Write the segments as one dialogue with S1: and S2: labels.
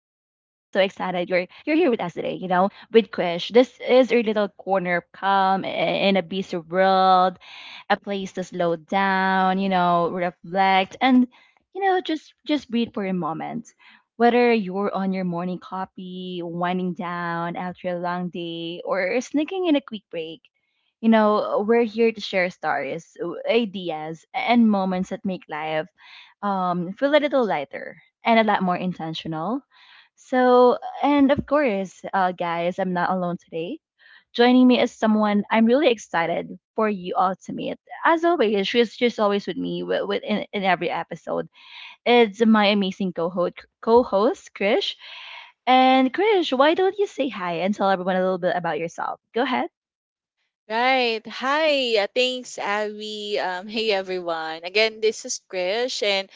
S1: excited you're here with us today, you know, with Krish. This is your little corner of calm in a busy world, a place to slow down, you know, reflect and you know, just breathe for a moment. Whether you're on your morning coffee, winding down after a long day, or sneaking in a quick break, you know, we're here to share stories, ideas, and moments that make life feel a little lighter and a lot more intentional. So, and of course, guys, I'm not alone today. Joining me is someone I'm really excited for you all to meet. As always, she's always with me in every episode. It's my amazing co-host Krish. And Krish, why don't you say hi and tell everyone a little bit about yourself? Go ahead.
S2: Right. Hi. Thanks, Abby. Hey, everyone. Again, this is Krish, and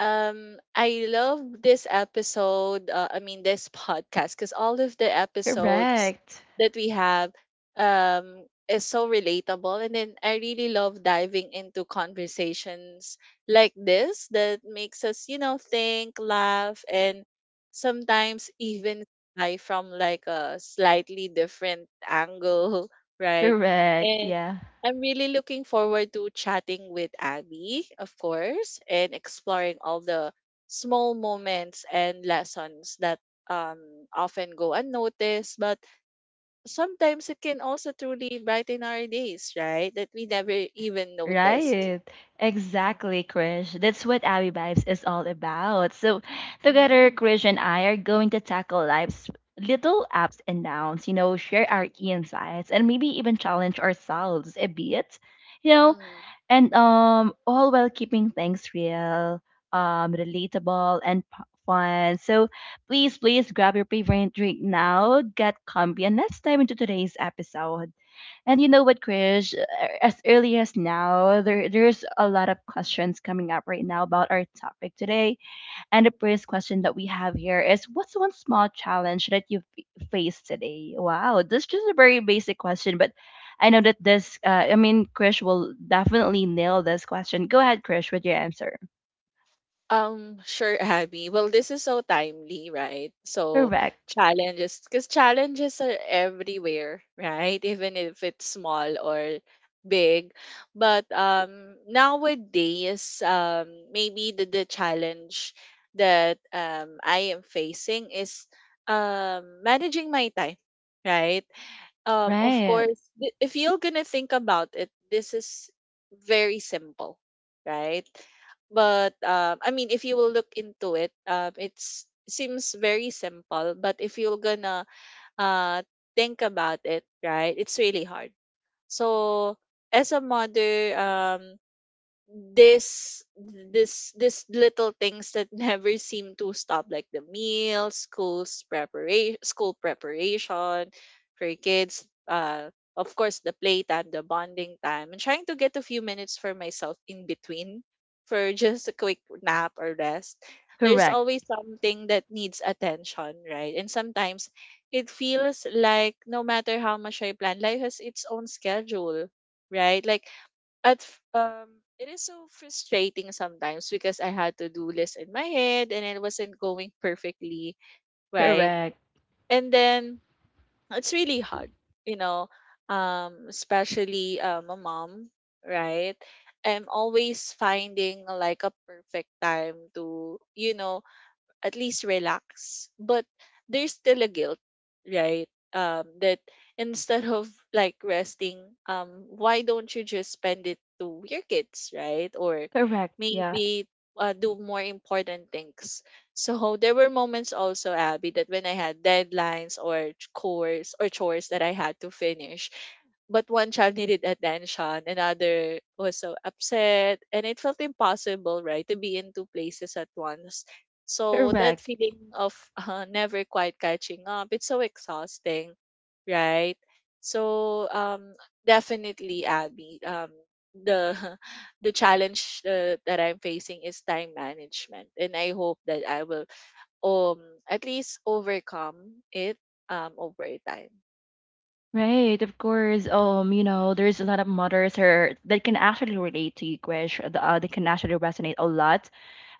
S2: I love this episode. I mean, this podcast, because all of the episodes
S1: Correct.
S2: that we have is so relatable, and then I really love diving into conversations like this that makes us, you know, think, laugh, and sometimes even lie from like a slightly different angle, right?
S1: Correct.
S2: And
S1: Yeah.
S2: I'm really looking forward to chatting with Abby, of course, and exploring all the small moments and lessons that um, often go unnoticed, but sometimes it can also truly brighten our days, right? That we never even noticed.
S1: Right. Exactly, Krish. That's what Abby Vibes is all about. So, together,
S2: Mm-hmm.
S1: Krish and I are going to tackle life's little ups and downs, you know, share our insights and maybe even challenge ourselves a bit, you know,
S2: Mm-hmm.
S1: and all while keeping things real, relatable and fun. So, please grab your favorite drink now, get comfy and let's dive into today's episode. And you know what, Krish? As early as now, there's a lot of questions coming up right now about our topic today. And the first question that we have here is, what's one small challenge that you've faced today? Wow, this is just a very basic question, but I know that this, Krish will definitely nail this question. Go ahead, Krish, with your answer.
S2: Sure, Abby. Well, this is so timely, right? So
S1: Correct.
S2: challenges, because challenges are everywhere, right? Even if it's small or big. But nowadays, maybe the challenge that I am facing is managing my time, right? Of
S1: Right.
S2: course, if you're gonna think about it, this is very simple, right? But I mean, if you will look into it, it's seems very simple, but if you're gonna uh think about it, right, it's really hard. So as a mother, this this little things that never seem to stop, like the meals, school preparation for your kids, of course the playtime, the bonding time, and trying to get a few minutes for myself in between for just a quick nap or rest. There's
S1: Correct.
S2: always something that needs attention, right? And sometimes it feels like no matter how much I plan, life has its own schedule, right? Like at f- um it is so frustrating sometimes, because I had to do list in my head and it wasn't going perfectly, right?
S1: Correct.
S2: And then it's really hard, you know, especially a mom, right? I'm always finding like a perfect time to, you know, at least relax. But there's still a guilt, right? That instead of like resting, why don't you just spend it to your kids, right? Or
S1: Correct. Yeah.
S2: maybe do more important things. So there were moments also, Abby, that when I had deadlines or chores that I had to finish, but one child needed attention, another was so upset, and it felt impossible, right, to be in two places at once. So that
S1: Correct.
S2: feeling of never quite catching up, it's so exhausting, right? So definitely, Abby, the the challenge that I'm facing is time management, and I hope that I will um at least overcome it over time.
S1: Right, of course. You know, there's a lot of mothers here that can actually relate to you, Krish. They can actually resonate a lot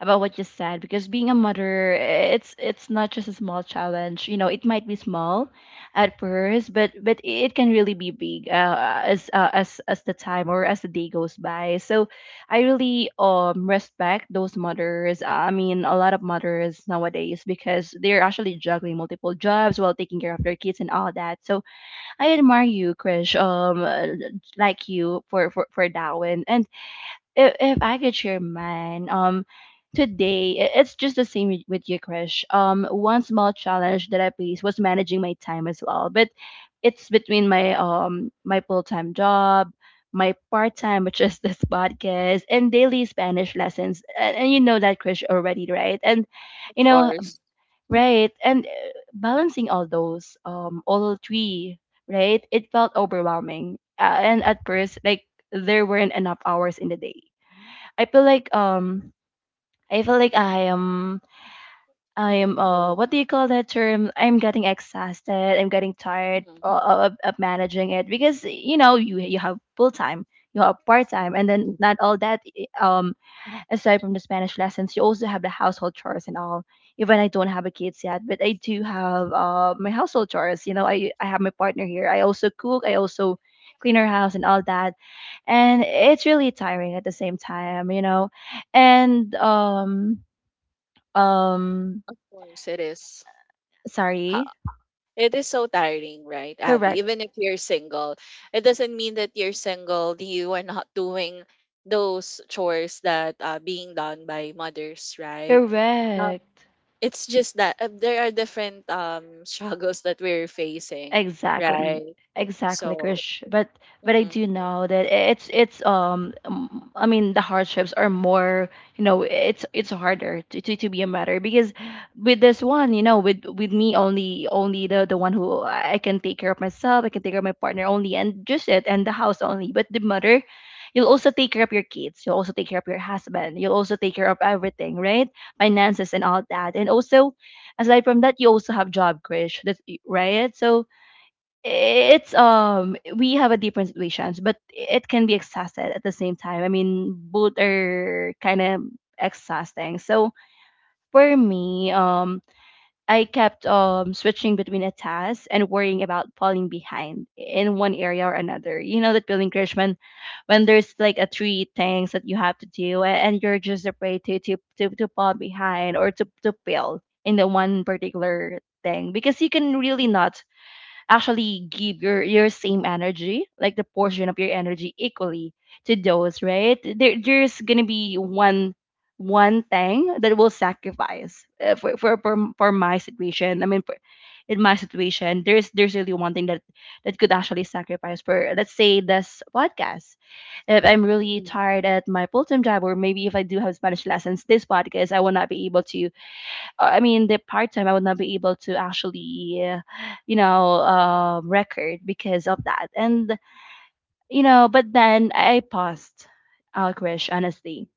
S1: about what you said because being a mother, it's not just a small challenge. You know, it might be small at first, but it can really be big as as the time or as the day goes by. So, I really respect those mothers. A lot of mothers nowadays because they're actually juggling multiple jobs while taking care of their kids and all that. So I admire you, Krish. Like you for for that one. And if I could share mine, today it's just the same with you, Krish. One small challenge that I faced was managing my time as well, but it's between my my full time job. My part time, which is this podcast, and daily Spanish lessons, and you know that Krish already, right? And
S2: Of
S1: you know,
S2: course.
S1: right. And balancing all those, all three, right? It felt overwhelming. And at first, like there weren't enough hours in the day. I feel like I feel like I am, I am.
S2: Mm-mm.
S1: What do you call that term? I'm getting exhausted. I'm getting tired
S2: Mm-mm.
S1: of managing it because you know you you have full time, you have part time, and then not all that eh, aside from the Spanish lessons, you also have the household chores and all. Even I don't have a kids yet, but I do have my household chores. You know, I have my partner here. I also cook. I also clean her house and all that. And it's really tiring at the same time, you know. And um
S2: Of course, it is.
S1: sorry.
S2: It is so tiring, right, Abby?
S1: Correct.
S2: Even if you're single, it doesn't mean that you're single, you are not doing those chores that are being done by mothers, right? Um,
S1: Correct.
S2: it's just that there are different struggles that we're facing,
S1: Exactly.
S2: right?
S1: Exactly,
S2: So,
S1: Krish. But I
S2: mm-hmm,
S1: do know that it's I mean the hardships are more, you know, it's harder to be a mother because with this one, you know, with me only, only the one who I can take care of myself, I can take care of my partner only and just it and the house only, but the mother, you'll also take care of your kids, you'll also take care of your husband, you'll also take care of everything, right? Finances and all that, and also aside from that, you also have job, Krish, that's right. So it's um, we have a different situations but it can be exhausted at the same time. I mean both are kind of exhausting. So for me, um, I kept switching between a task and worrying about falling behind in one area or another. You know that feeling, Krish, when there's like a three things that you have to do and you're just afraid to to fall behind or to fail in the one particular thing because you can really not actually give your same energy, like the portion of your energy equally to those, right? There's gonna be one one thing that will sacrifice for, for my situation. I mean, for, in my situation, there's really one thing that that could actually sacrifice for. Let's say this podcast, if I'm
S2: mm-hmm,
S1: really tired at my full-time job, or maybe if I do have Spanish lessons, this podcast I will not be able to the part time I would not be able to actually, you know, record because of that. And you know, but then I paused, Alcrish, honestly.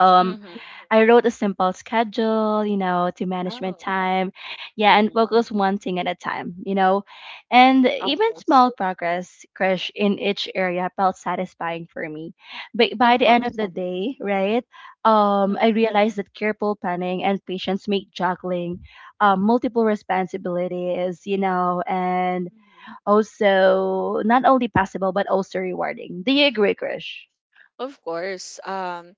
S1: Um,
S2: mm-hmm.
S1: I wrote a simple schedule, you know, to manage my
S2: Wow,
S1: time. Yeah, and
S2: mm-hmm.
S1: focus one thing at a time, you know. And
S2: Of
S1: even
S2: course,
S1: small progress, crush in each area felt satisfying for me. But by
S2: of
S1: the end of
S2: course.
S1: the day, right,
S2: Mm-hmm.
S1: I realized that careful planning and patience make juggling multiple responsibilities, you know, and
S2: Mm-hmm.
S1: also not only possible, but also rewarding. Do you agree, Krish?
S2: Of course.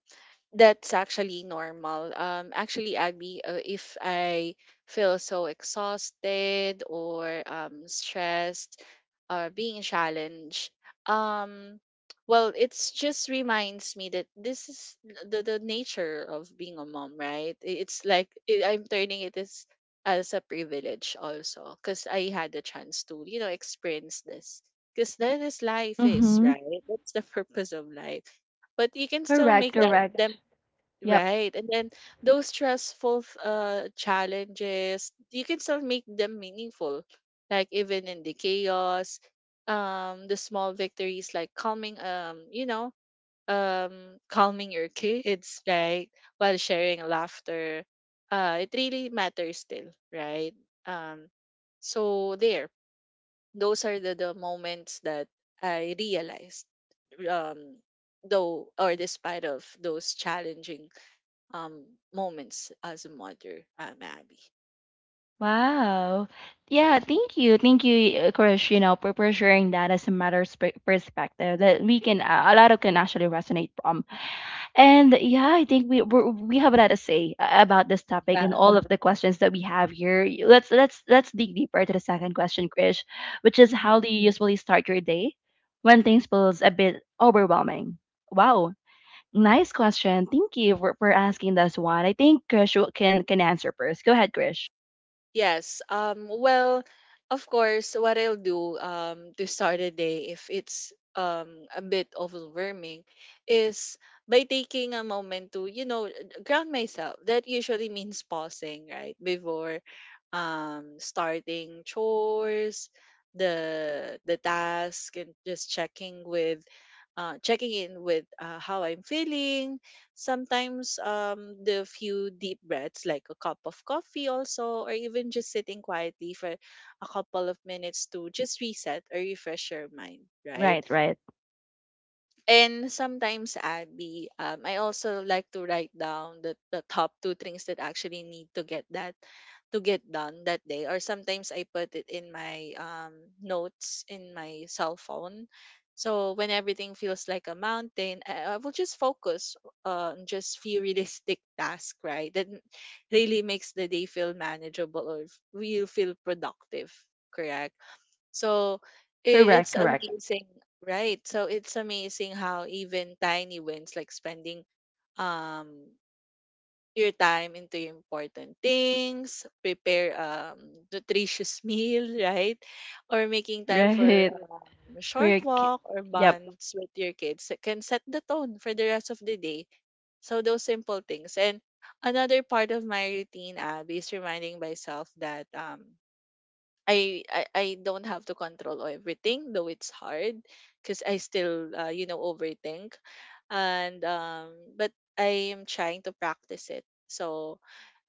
S2: That's actually normal. Actually, Abby, if I feel so exhausted or stressed or being challenged, um, well, it's just reminds me that this is the nature of being a mom, right? It's like I'm turning it as a privilege also because I had the chance to, you know, experience this. Because that is life is,
S1: Mm-hmm.
S2: right? That's the purpose of life, but you can still
S1: Correct,
S2: make that them.
S1: correct. Yep.
S2: Right. And then those stressful challenges, you can still make them meaningful. Like even in the chaos, the small victories like calming your kids, right? While sharing laughter. It really matters still, right? Um so there, those are the moments that I realized um though or despite of those challenging um moments as a mother, Abby.
S1: Wow. Yeah,
S2: Hmm.
S1: thank you. Thank you, of course, you know, for sharing that as a matter of perspective that we can, a lot of can actually resonate from. And yeah, I think we have a lot to say about this topic and
S2: Yeah.
S1: all of the questions that we have here. Let's let's dig deeper to the second question, Krish, which is
S2: Hmm.
S1: how do you usually start your day when things feels a bit overwhelming? Wow. Nice question. Thank you for asking this one. I think Krish can answer first. Go ahead, Krish.
S2: Yes. Well, of course, what I'll do, to start a day, if it's a bit overwhelming, is by taking a moment to, you know, ground myself. That usually means pausing, right? Before starting chores, the task, and just checking in with how I'm feeling. Sometimes the few deep breaths, like a cup of coffee, also, or even just sitting quietly for a couple of minutes to just reset or refresh your mind, right?
S1: Right, right.
S2: And sometimes, Abby, I also like to write down the top two things that actually need to get that to get done that day. Or sometimes I put it in my notes in my cell phone. So when everything feels like a mountain, I will just focus on just few realistic tasks, right? Really makes the day feel manageable or will feel productive. Correct. So i-
S1: Correct,
S2: it's
S1: correct.
S2: amazing. Right. So it's amazing how even tiny wins like spending um your time into important things, prepare nutritious meal, right? Or making time for
S1: Right. For
S2: short
S1: your
S2: walk or
S1: yep,
S2: bonds with your kids that can set the tone for the rest of the day. So those simple things. And another part of my routine, Abby, is reminding myself that I don't have to control everything, though it's hard because I still you know overthink, and but I am trying to practice it. So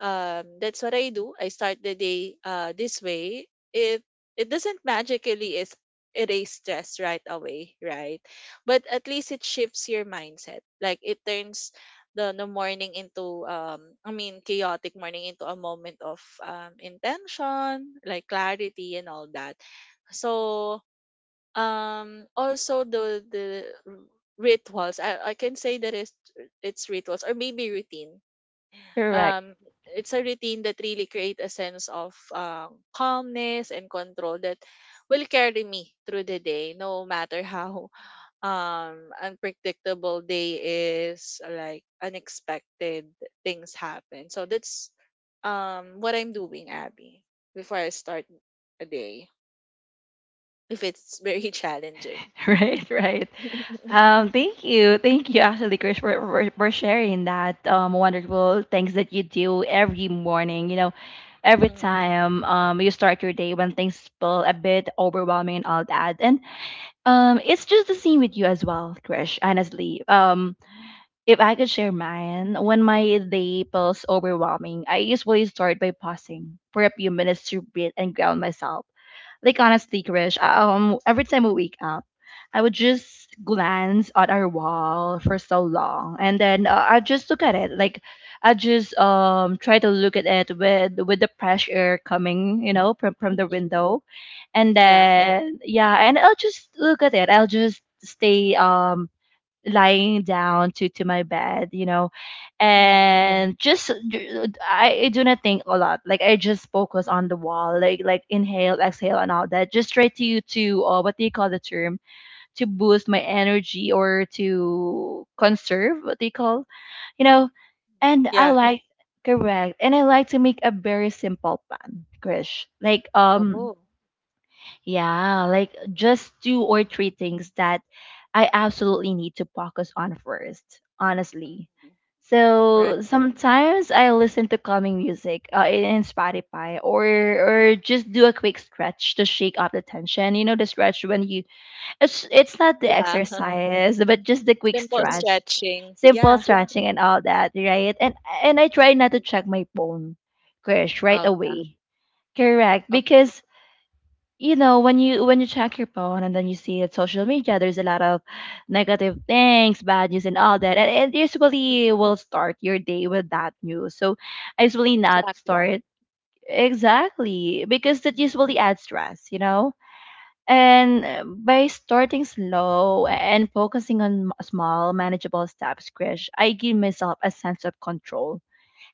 S2: that's what I do. I start the day this way. It it doesn't magically is erase stress right away, right? But at least it shifts your mindset. Like it turns the morning into chaotic morning into a moment of intention, like clarity and all that. So also rituals, I can say that it's rituals or maybe routine,
S1: correct.
S2: um it's a routine that really create a sense of calmness and control that will carry me through the day no matter how unpredictable day is, like unexpected things happen. So that's what I'm doing, Abby, before I start a day. If it's very challenging.
S1: Right, right. Thank you. Thank you actually, Chris, for sharing that wonderful things that you do every morning, you know, every
S2: Mhm.
S1: time you start your day when things feel a bit overwhelming and all that. And it's just the same with you as well, Chris, honestly. If I could share mine, when my day feels overwhelming, I usually start by pausing for a few minutes to breathe and ground myself. Like honestly, Krish, every time we wake up, I would just glance at our wall for so long, and then I just look at it. Like I just try to look at it with the fresh air coming, you know, from the
S2: Mhm.
S1: window, and
S2: Yeah.
S1: then yeah, and I'll just look at it. I'll just stay lying down to my bed, you know,
S2: Hmm.
S1: and just I do not think a lot, like I just focus on the wall, like inhale exhale and all that, just try to what do you call the term, to boost my energy or to conserve what they call, you know. And I
S2: Yeah.
S1: like correct, and I like to make a very simple plan, Krish, like
S2: Oh.
S1: yeah, like just two or three things that I absolutely need to focus on first, honestly.
S2: Mhm.
S1: So
S2: Right.
S1: sometimes I listen to calming music in Spotify or just do a quick stretch to shake off the tension. You know the stretch when you it's not the
S2: Yeah.
S1: exercise but just the quick
S2: Simple
S1: stretch.
S2: stretching.
S1: Simple
S2: Yeah.
S1: stretching and all that, right? And I try not
S2: Mhm.
S1: to check my phone, Krish, right
S2: Yeah.
S1: away. Correct,
S2: Oh,
S1: because you know when you check your phone and then you see it social media there's a lot of negative things, bad news and all that, and it
S2: mhm.
S1: usually will start your day with that news. So I usually not
S2: Exactly.
S1: start. Exactly, because that
S2: Mhm.
S1: usually adds stress, you know. And by starting slow and focusing on small manageable steps, Krish, I give myself a sense of control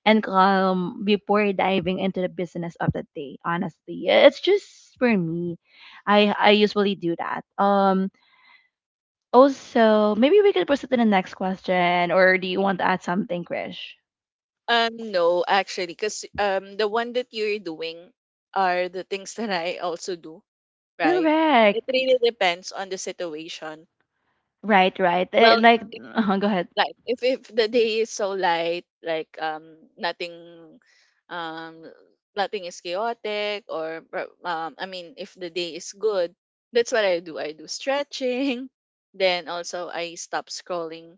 S1: and calm before diving into the business of the day, honestly. Yeah, it's just for me. I usually do that. Also, maybe we could proceed to the next question, or do you want to add something, Krish?
S2: No, actually, because the one that you're doing are the things that I also do, right? It really
S1: Correct.
S2: depends on the situation.
S1: Right, right.
S2: Well,
S1: Like,
S2: if,
S1: uh-huh, go ahead.
S2: like if the day is so light, like nothing, um nothing is chaotic, or I mean, if the day is good, that's what I do. I do stretching, then also I stop scrolling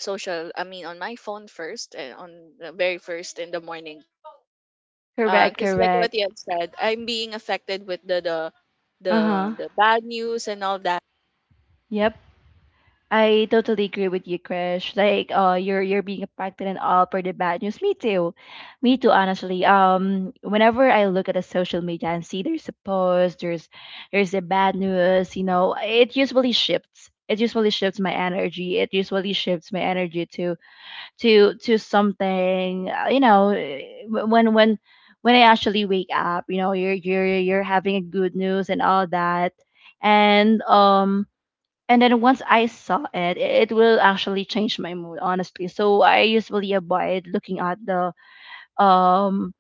S2: social. I mean, on my phone first, and on the very first in the morning
S1: Correct,
S2: because like what
S1: correct.
S2: you have said, I'm being affected with the
S1: Uh-huh.
S2: the bad news and all that.
S1: Yep. I totally agree with you, Krish. Like, you're being impacted and all for the bad news. Me too, me too. Honestly, whenever I look at the social media and see there's a post, there's a bad news. You know, it usually shifts. It usually shifts my energy. It usually shifts my energy to to something. You know, when when I actually wake up, you know, you're having a good news and all that, and and then once I saw it, it will actually change my mood, honestly. So I usually avoid looking at the um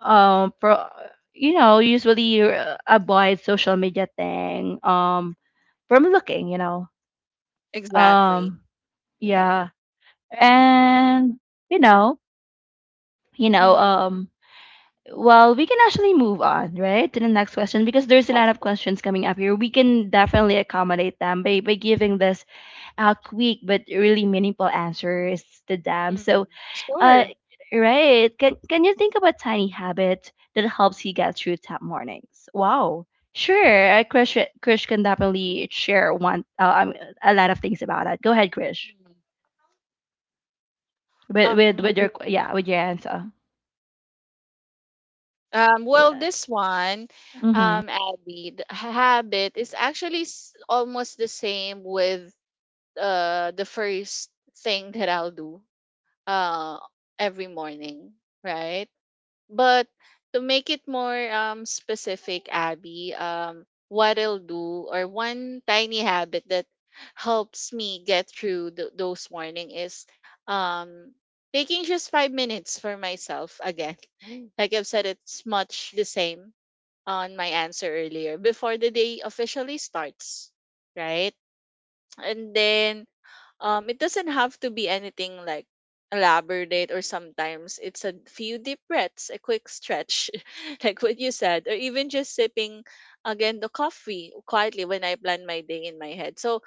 S1: um pro, you know, usually avoid social media thing from looking, you know.
S2: Exactly.
S1: um yeah, and you know, you know
S2: Mm-hmm.
S1: um well, we can actually move on, right, to the next question, because there's a
S2: Of
S1: lot of
S2: course.
S1: questions coming up here. We can definitely accommodate them by giving this quick but really meaningful answers to them.
S2: Mm-hmm.
S1: So, uh,
S2: Sure.
S1: right? Can you think of a tiny habit that helps you get through tough mornings? Wow. Sure, Krish, Krish can definitely share one a lot of things about it. Go ahead, Krish,
S2: Mhm.
S1: with with
S2: Um.
S1: with your, yeah, with your answer.
S2: Well, this one,
S1: Mm-hmm.
S2: Abby, habit is actually almost the same with the first thing that I'll do uh every morning, right? But to make it more specific, Abby, what I'll do or one tiny habit that helps me get through those morning is um taking just 5 minutes for myself again. Like I've said, it's much the same on my answer earlier before the day officially starts, right? And then it doesn't have to be anything like elaborate, or sometimes it's a few deep breaths, a quick stretch, like what you said, or even just sipping again the coffee quietly when I plan my day in my head. So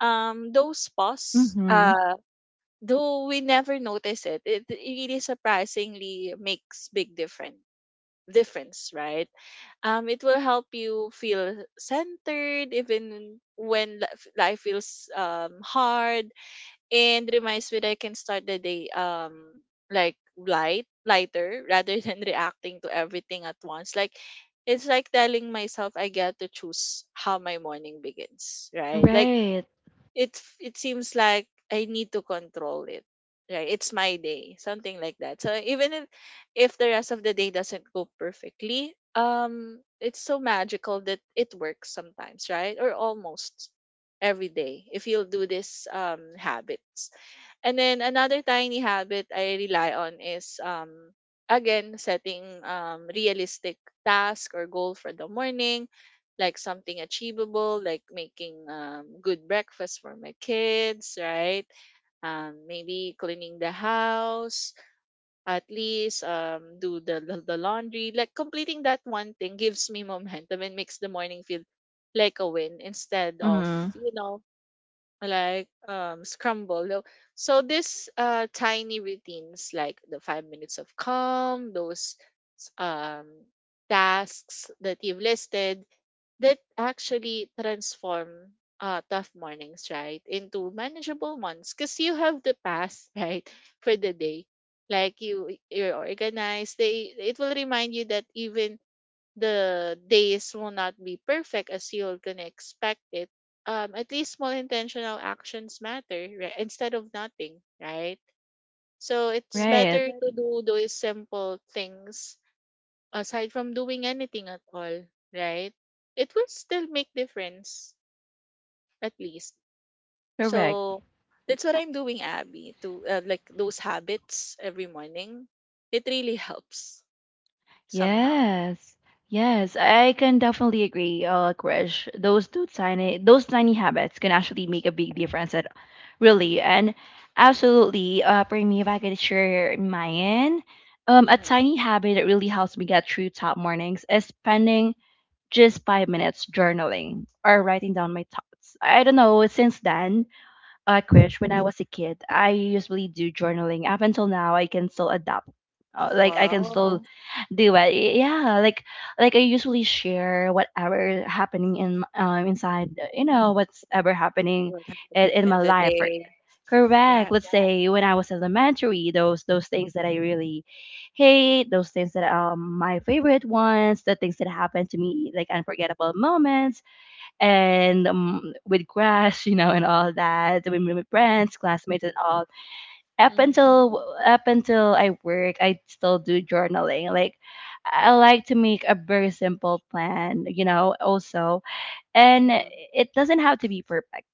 S2: those pause,
S1: Mm-hmm.
S2: though we never notice it, it really surprisingly makes big difference, right? It will help you feel centered even when life feels hard, and reminds me that I can start the day like lighter rather than reacting to everything at once, like it's like telling myself I get to choose how my morning begins, right? Like
S1: Right.
S2: it seems like I need to control it. Right? It's my day, something like that. So even if the rest of the day doesn't go perfectly, it's so magical that it works sometimes, right? Or almost every day if you'll do this habits. And then another tiny habit I rely on is again setting realistic task or goal for the morning, like something achievable, like making good breakfast for my kids, right? Maybe cleaning the house, at least do the laundry. Like completing that one thing gives me momentum and makes the morning feel like a win instead of,
S1: Mm-hmm.
S2: you know, like scramble. So so this tiny routines like the 5 minutes of calm, those s- um tasks that you've listed that actually transform tough mornings, right, into manageable ones because you have the past, right, for the day. Like you, you're organized. They it will remind you that even the days will not be perfect as you're gonna expect it. At least small intentional actions matter, right? Instead of nothing, right? So it's
S1: Right.
S2: better to do those simple things aside from doing anything at all, right? It will still make difference at least.
S1: Correct.
S2: So that's what I'm doing, Abby, to like those habits every morning. It really helps somehow.
S1: Yes. Yes, I can definitely agree, Krish. Those two
S2: Mhm.
S1: tiny, those tiny habits can actually make a big difference. At, really, and absolutely. For me, if I could share mine, a
S2: Mm-hmm.
S1: tiny habit that really helps me get through tough mornings is spending just 5 minutes journaling or writing down my thoughts. I don't know. Since then, Krish, when I was a kid, I usually do journaling. Up until now, I can still adapt. Like, I can
S2: Wow,
S1: still do it. Yeah, like I usually share whatever happening in inside. You know, what's ever happening
S2: what happened
S1: in
S2: in
S1: my
S2: the
S1: life. Or,
S2: day?
S1: correct.
S2: Yeah.
S1: Let's say when I was elementary, those things that I really hate, those things that my favorite ones, the things that happened to me, like unforgettable moments and with grass, you know, and all that, with my friends, classmates, and all. Up
S2: Mm-hmm.
S1: until up until I work, I still do journaling. Like, I like to make a very simple plan, you know, also, and
S2: Mm-hmm.
S1: it doesn't have to be perfect.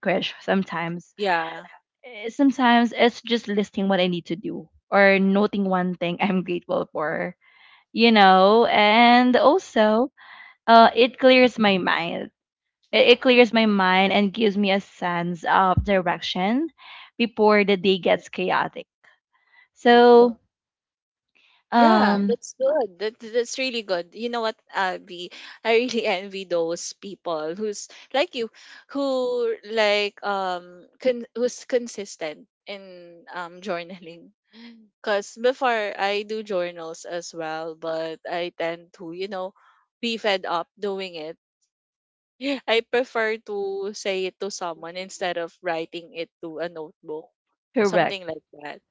S1: Krish,
S2: hmm
S1: sometimes,
S2: Yeah.
S1: Sometimes it's just listing what I need to do or noting one thing I'm grateful for, you know, and also, it clears my mind. It clears my mind and gives me a sense of direction before the
S2: Mm-hmm. Mm-hmm.
S1: day gets chaotic.
S2: hmm
S1: So,
S2: Yeah,
S1: um,
S2: that's good. That's really good. You know what, Abby? I really envy those people who's like you, who like who's consistent in journaling. Cause before I do journals as well, but I tend to you know be fed up doing it. I prefer to say it to someone instead of writing it to a notebook,
S1: correct.
S2: something like that.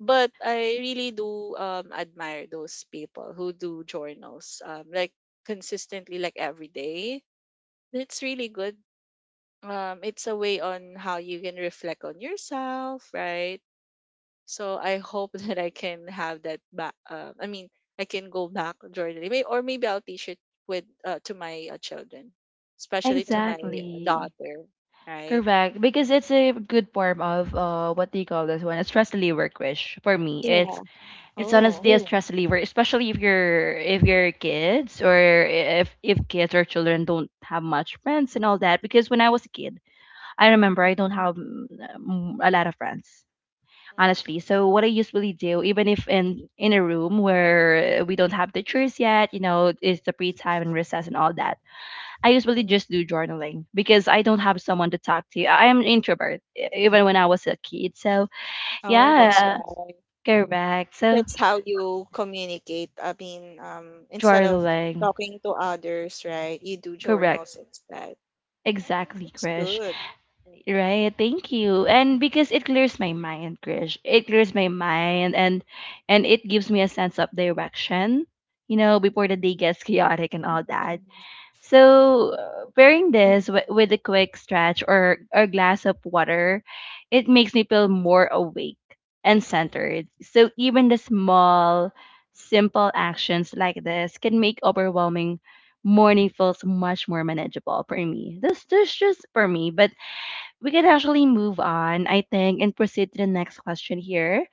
S2: But I really do admire those people who do journals like consistently like every day. That's really good. It's a way on how you can reflect on yourself, right? So I hope that I can have that back I mean I can go back journaling or maybe I'll teach it with to my children, especially to my
S1: Exactly.
S2: daughter, right?
S1: Correct. Because it's a good form of, uh, what do you call this one? A stress reliever, Krish. For me, it's
S2: Yeah. Oh.
S1: honestly a Oh, stress reliever, especially if you're, if your kids, or if kids or children don't have much friends and all that. Because when I was a kid, I remember
S2: Mhm.
S1: I don't have a lot of friends, honestly.
S2: Mhm.
S1: So what I usually do, even if in a room where we don't have teachers yet, you know, it's the free time and recess and all that. I usually
S2: Mhm.
S1: just do journaling because I don't have someone to talk to. I am an introvert, even when I was a kid. So
S2: Oh, that's
S1: yeah,
S2: why.
S1: correct. So
S2: That's how you communicate. I mean, instead of
S1: journaling,
S2: talking to others, right? You do
S1: correct.
S2: journals instead. All right,
S1: Exactly,
S2: that's
S1: Krish.
S2: good.
S1: Right, thank you. And because it clears my mind, Krish. It clears my mind and it gives me a sense of direction, you know, before the day gets chaotic and all
S2: Mhm.
S1: that. So, pairing this
S2: Mhm.
S1: with a quick stretch or a glass of water, it makes me feel more awake and centered. So, even the small, simple actions like this can make overwhelming morning feels much more manageable for me. This just for me, but we can actually move on, I think, and proceed to the next question here.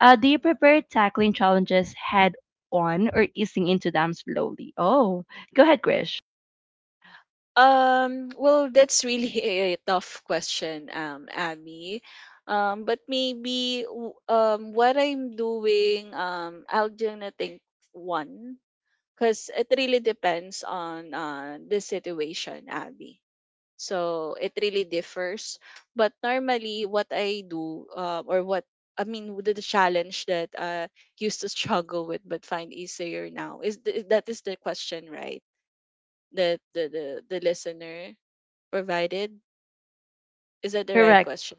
S1: Do you
S2: Mhm.
S1: prefer tackling challenges head on or easing into them slowly? Oh, go ahead, Krish.
S2: Well, that's really a tough question, Abby. But maybe what I'm doing, I'll gonna think one because it really depends on the situation, Abby. So it really differs. But normally, what I do, or what I mean, with the challenge that I used to struggle with but find easier now is that is the question, right? That the the listener provided is that the right
S1: Correct.
S2: question,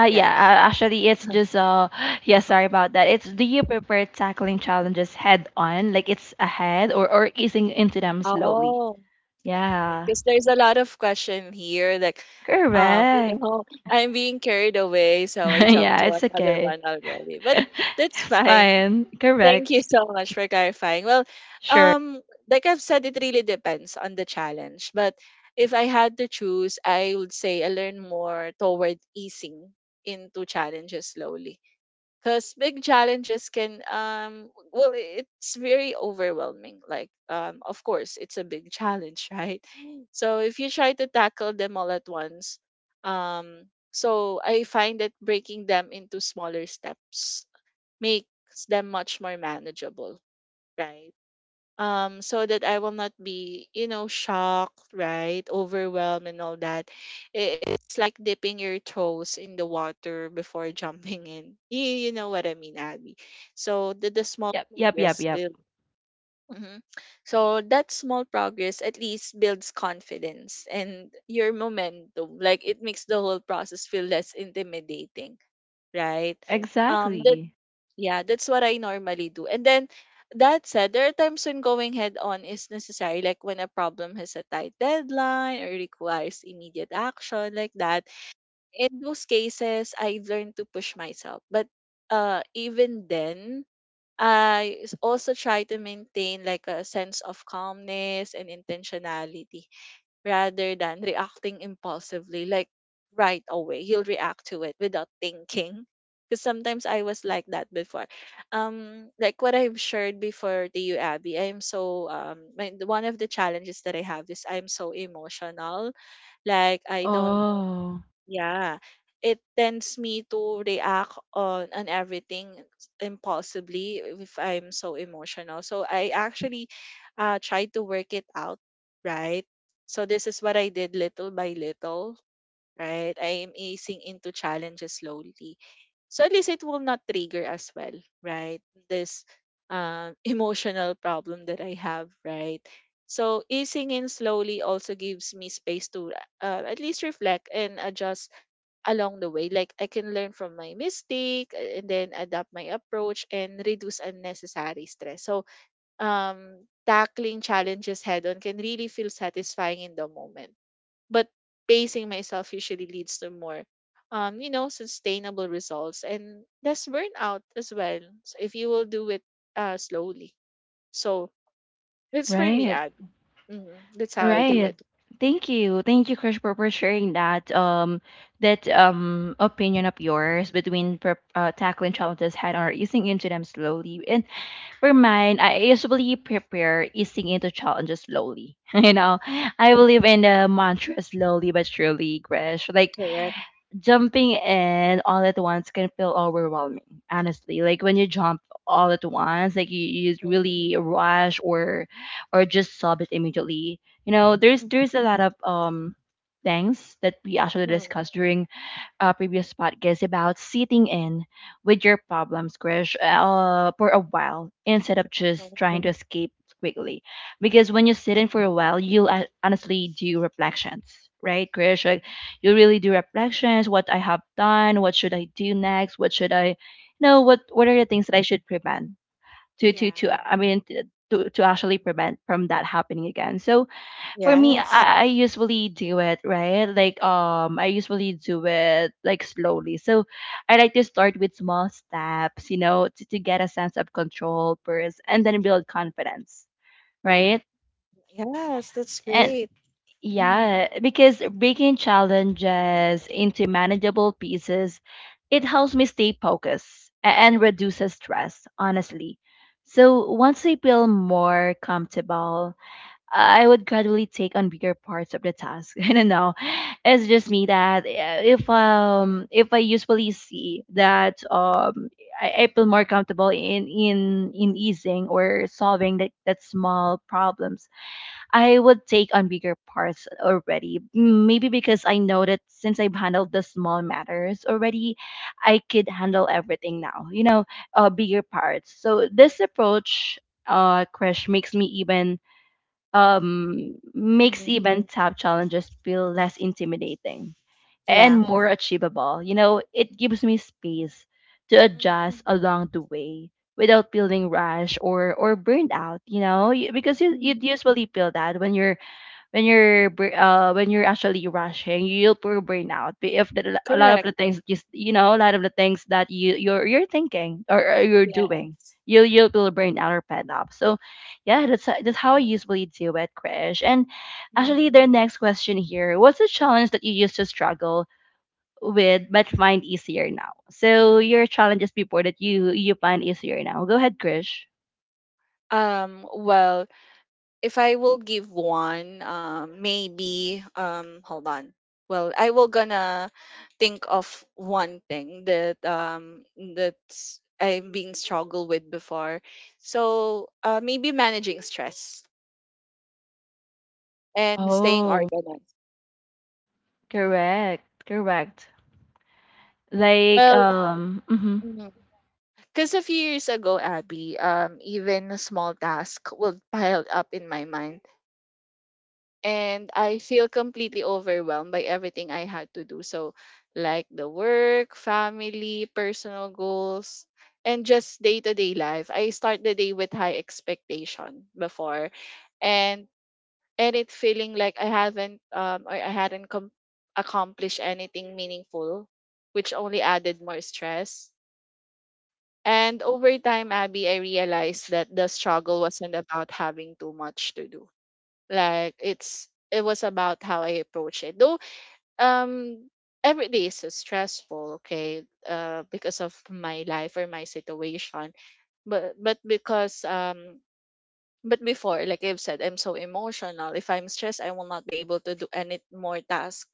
S1: Yeah,
S2: Yeah.
S1: actually, it's just, yeah, sorry about that. It's, do you prefer tackling challenges head on, like it's ahead, or, easing into them slowly?
S2: Oh, right.
S1: Yeah,
S2: Because there's a lot of question here, like, you
S1: correct.
S2: know, I'm being carried away, so I jumped
S1: Yeah,
S2: to
S1: it's
S2: another
S1: okay.
S2: one already. But that's
S1: It's
S2: fine.
S1: fine.
S2: Thank
S1: Correct.
S2: you so much for clarifying. Well,
S1: Sure.
S2: um, like I've said, it really depends on the challenge. But if I had to choose, I would say I learn more toward easing into challenges slowly. Because big challenges can, well, it's very overwhelming. Like, of course, it's a big challenge, right? So if you try to tackle them all at once, so I find that breaking them into smaller steps makes them much more manageable, right? So that I will not be, you know, shocked, right? Overwhelmed and all that. It's like dipping your toes in the water before jumping in. You know what I mean, Abby. So the small
S1: Yep, yep, yep,
S2: progress
S1: yep.
S2: build. Mhm. So that small progress at least builds confidence and your momentum. Like it makes the whole process feel less intimidating, right? Um,
S1: Exactly.
S2: yeah, that's what I normally do. And then that said, there are times when going head on is necessary, like when a problem has a tight deadline or requires immediate action, like that. In those cases, I've learned to push myself. But even then, also try to maintain like a sense of calmness and intentionality rather than reacting impulsively, like right away. He'll react to it without thinking. Because sometimes I was like that before. Like what I've shared before to you, Abby, I am so my, one of the challenges that I have is I'm so emotional. Like I don't
S1: Oh,
S2: yeah, it tends me to react on everything impulsively if I'm so emotional. So I actually try to work it out, right? So this is what I did little by little, right? I am easing into challenges slowly. So at least it will not trigger as well, right? This emotional problem that I have, right? So easing in slowly also gives me space to at least reflect and adjust along the way. Like I can learn from my mistake and then adapt my approach and reduce unnecessary stress. So tackling challenges head on can really feel satisfying in the moment but pacing myself usually leads to more you know sustainable results and less burnout as well so if you will do it slowly so it's for me
S1: right,
S2: Abby. That's how I do
S1: right.
S2: it.
S1: Thank you. Thank you, Krish, for sharing that opinion of yours between prep, tackling challenges head on or easing into them slowly. And for mine, I usually prepare easing into challenges slowly. You know, I believe in the mantra slowly but surely, Krish. Like
S2: Correct.
S1: jumping in all at once can feel overwhelming, honestly, like when you jump all at once, like you
S2: hmm
S1: really rush or just solve it immediately. You know, there's
S2: Mhm.
S1: there's a lot of things that we actually
S2: Mhm.
S1: discussed during previous podcast about sitting in with your problems, Krish, for a while instead of just
S2: Mhm.
S1: trying to escape quickly. Because when you sit in for a while, you'll, honestly do reflections, right, Krish? Like, you really do reflections, what I have done, what should I do next, what should I, you know, what are the things that I should prevent to, to,
S2: yeah
S1: to I mean, to actually prevent from that happening again. So, for me,
S2: Yes,
S1: I usually do it, right? Like I usually do it like slowly. So I like to start with small steps, you know, to get a sense of control first and then build confidence, right?
S2: yes, that's
S1: And
S2: great. Mhm.
S1: yeah, because breaking challenges into manageable pieces, it helps me stay focused and reduces stress, honestly. So once I feel more comfortable, I would gradually take on bigger parts of the task. I don't know. It's just me that, uh, if I usually see that I feel more comfortable in in easing or solving that small problems, I would take on bigger parts already. Maybe because I know that since I've handled the small matters already, I could handle everything now. You know, bigger parts. So this approach, crash, makes me even makes
S2: Mhm.
S1: even tough challenges feel less intimidating and
S2: Yeah.
S1: more achievable. You know, it gives me space to adjust
S2: hmm
S1: along the way without feeling rushed or burned out. You know, because you
S2: Mhm.
S1: usually feel that when you're, when you're actually rushing, you'll probably burn out. But if the, a lot of
S2: Correct.
S1: the things, just you you know, a lot of the things that you're you're thinking, or you're doing,
S2: Yes.
S1: you'll be burn out or fed up. So yeah, that's that's how I usually deal with crash. And actually,
S2: hmm
S1: their next question here, what's a challenge that you used to struggle with but find easier now? So your challenges before that you find easier now. Go ahead, Krish.
S2: Well, if I will give one, maybe hold on. Well, I will gonna think of one thing that that's I've been struggled with before. So maybe managing stress and staying
S1: Oh,
S2: organized.
S1: correct, correct. Like
S2: Well,
S1: mhm.
S2: because a few years ago, Abby, even a small task would pile up in my mind and I feel completely overwhelmed by everything I had to do. So, like the work, family, personal goals, and just day to day life. I start the day with high expectation before, and it feeling like I haven't or I hadn't accomplished anything meaningful, which only added more stress. And over time, Abby, I realized that the struggle wasn't about having too much to do like it's it was about how I approach it. Though um every day is so stressful, okay, because of my life or my situation. But because but before, like I've said, I'm so emotional. If I'm stressed, I will not be able to do any more task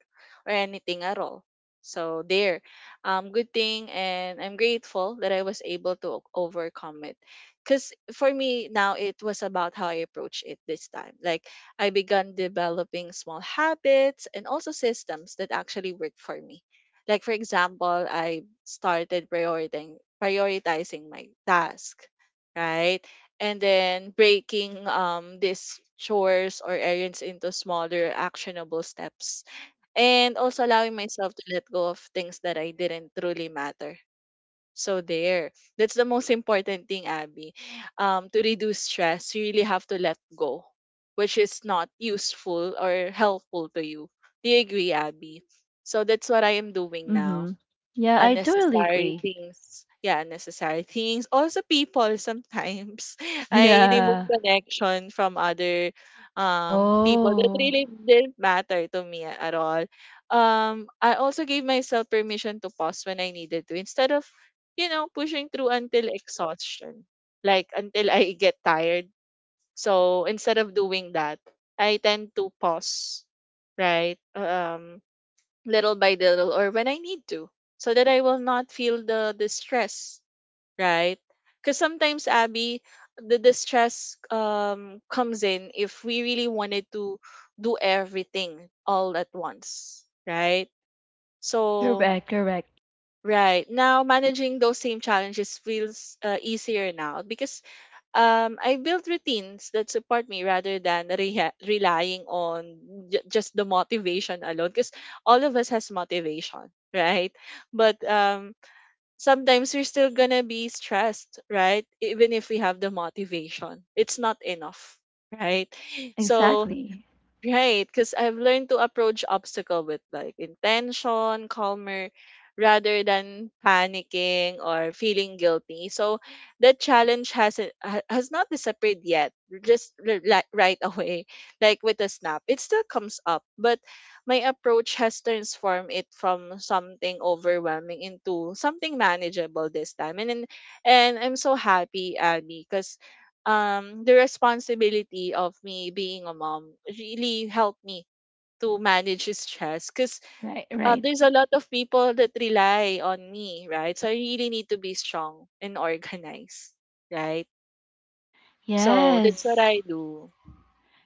S2: or anything at all. So there, good thing, and I'm grateful that I was able to overcome it. Cause for me now, it was about how I approach it this time. Like I began developing small habits and also systems that actually work for me. Like for example, I started prioritizing my task, right? And then breaking these chores or errands into smaller actionable steps and also allowing myself to let go of things that I didn't truly matter. So there. That's the most important thing, Abby. To reduce stress, you really have to let go, which is not useful or helpful to you. Do you agree, Abby? So that's what I am doing now
S1: Mm-hmm. Yeah, I totally
S2: unnecessary
S1: agree.
S2: things. Yeah, unnecessary things. Also people sometimes. I remove
S1: Yeah.
S2: connection from other people that
S1: Oh,
S2: really didn't matter to me at all. I also gave myself permission to pause when I needed to instead of, you know, pushing through until exhaustion. Like until I get tired. So instead of doing that, I tend to pause. Right. Little by little or when I need to so that I will not feel the distress, right? Because sometimes, Abby, the distress comes in if we really wanted to do everything all at once, right? So,
S1: correct, correct.
S2: right now, managing those same challenges feels easier now because I built routines that support me rather than relying on just the motivation alone. Because all of us has motivation, right? But sometimes we're still gonna be stressed, right? Even if we have the motivation, it's not enough, right? So
S1: Exactly.
S2: right, because I've learned to approach obstacle with like intention, calmer, rather than panicking or feeling guilty. So that challenge has not disappeared yet. Just right away, like with a snap, it still comes up. But my approach has transformed it from something overwhelming into something manageable this time. And I'm so happy, Abby, because the responsibility of me being a mom really helped me to manage his stress because
S1: Right, right.
S2: there's a lot of people that rely on me, right? So I really need to be strong and organized, right? So that's what
S1: Yes.
S2: I do.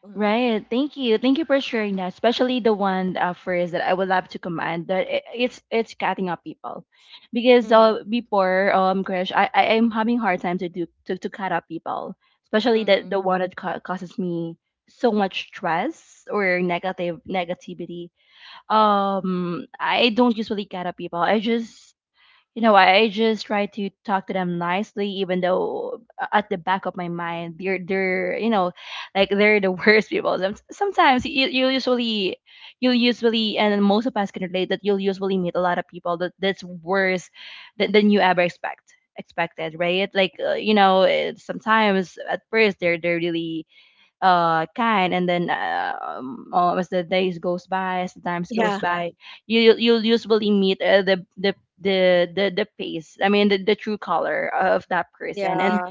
S2: hmm
S1: Right. Thank you. Thank you for sharing that, especially the one, phrase that I would love to command, that, it's cutting up people. Because,
S2: hmm
S1: before, crash, I am having hard time to do to cut up people, especially
S2: hmm
S1: the one that causes me so much stress or negative negativity. I don't usually cut up people. You know, I just try to talk to them nicely, even though, at the back of my mind, they're you know, like they're the worst people. Sometimes you, you usually, you'll usually, and most of us can relate, that you'll usually meet a lot of people that that's worse than you ever expected, right? Like, you know, sometimes at first they're really kind, and then as the days goes by, as the times goes
S2: yeah
S1: by, you, you'll usually meet, the face, I mean, the true color of that person, and
S2: Yeah,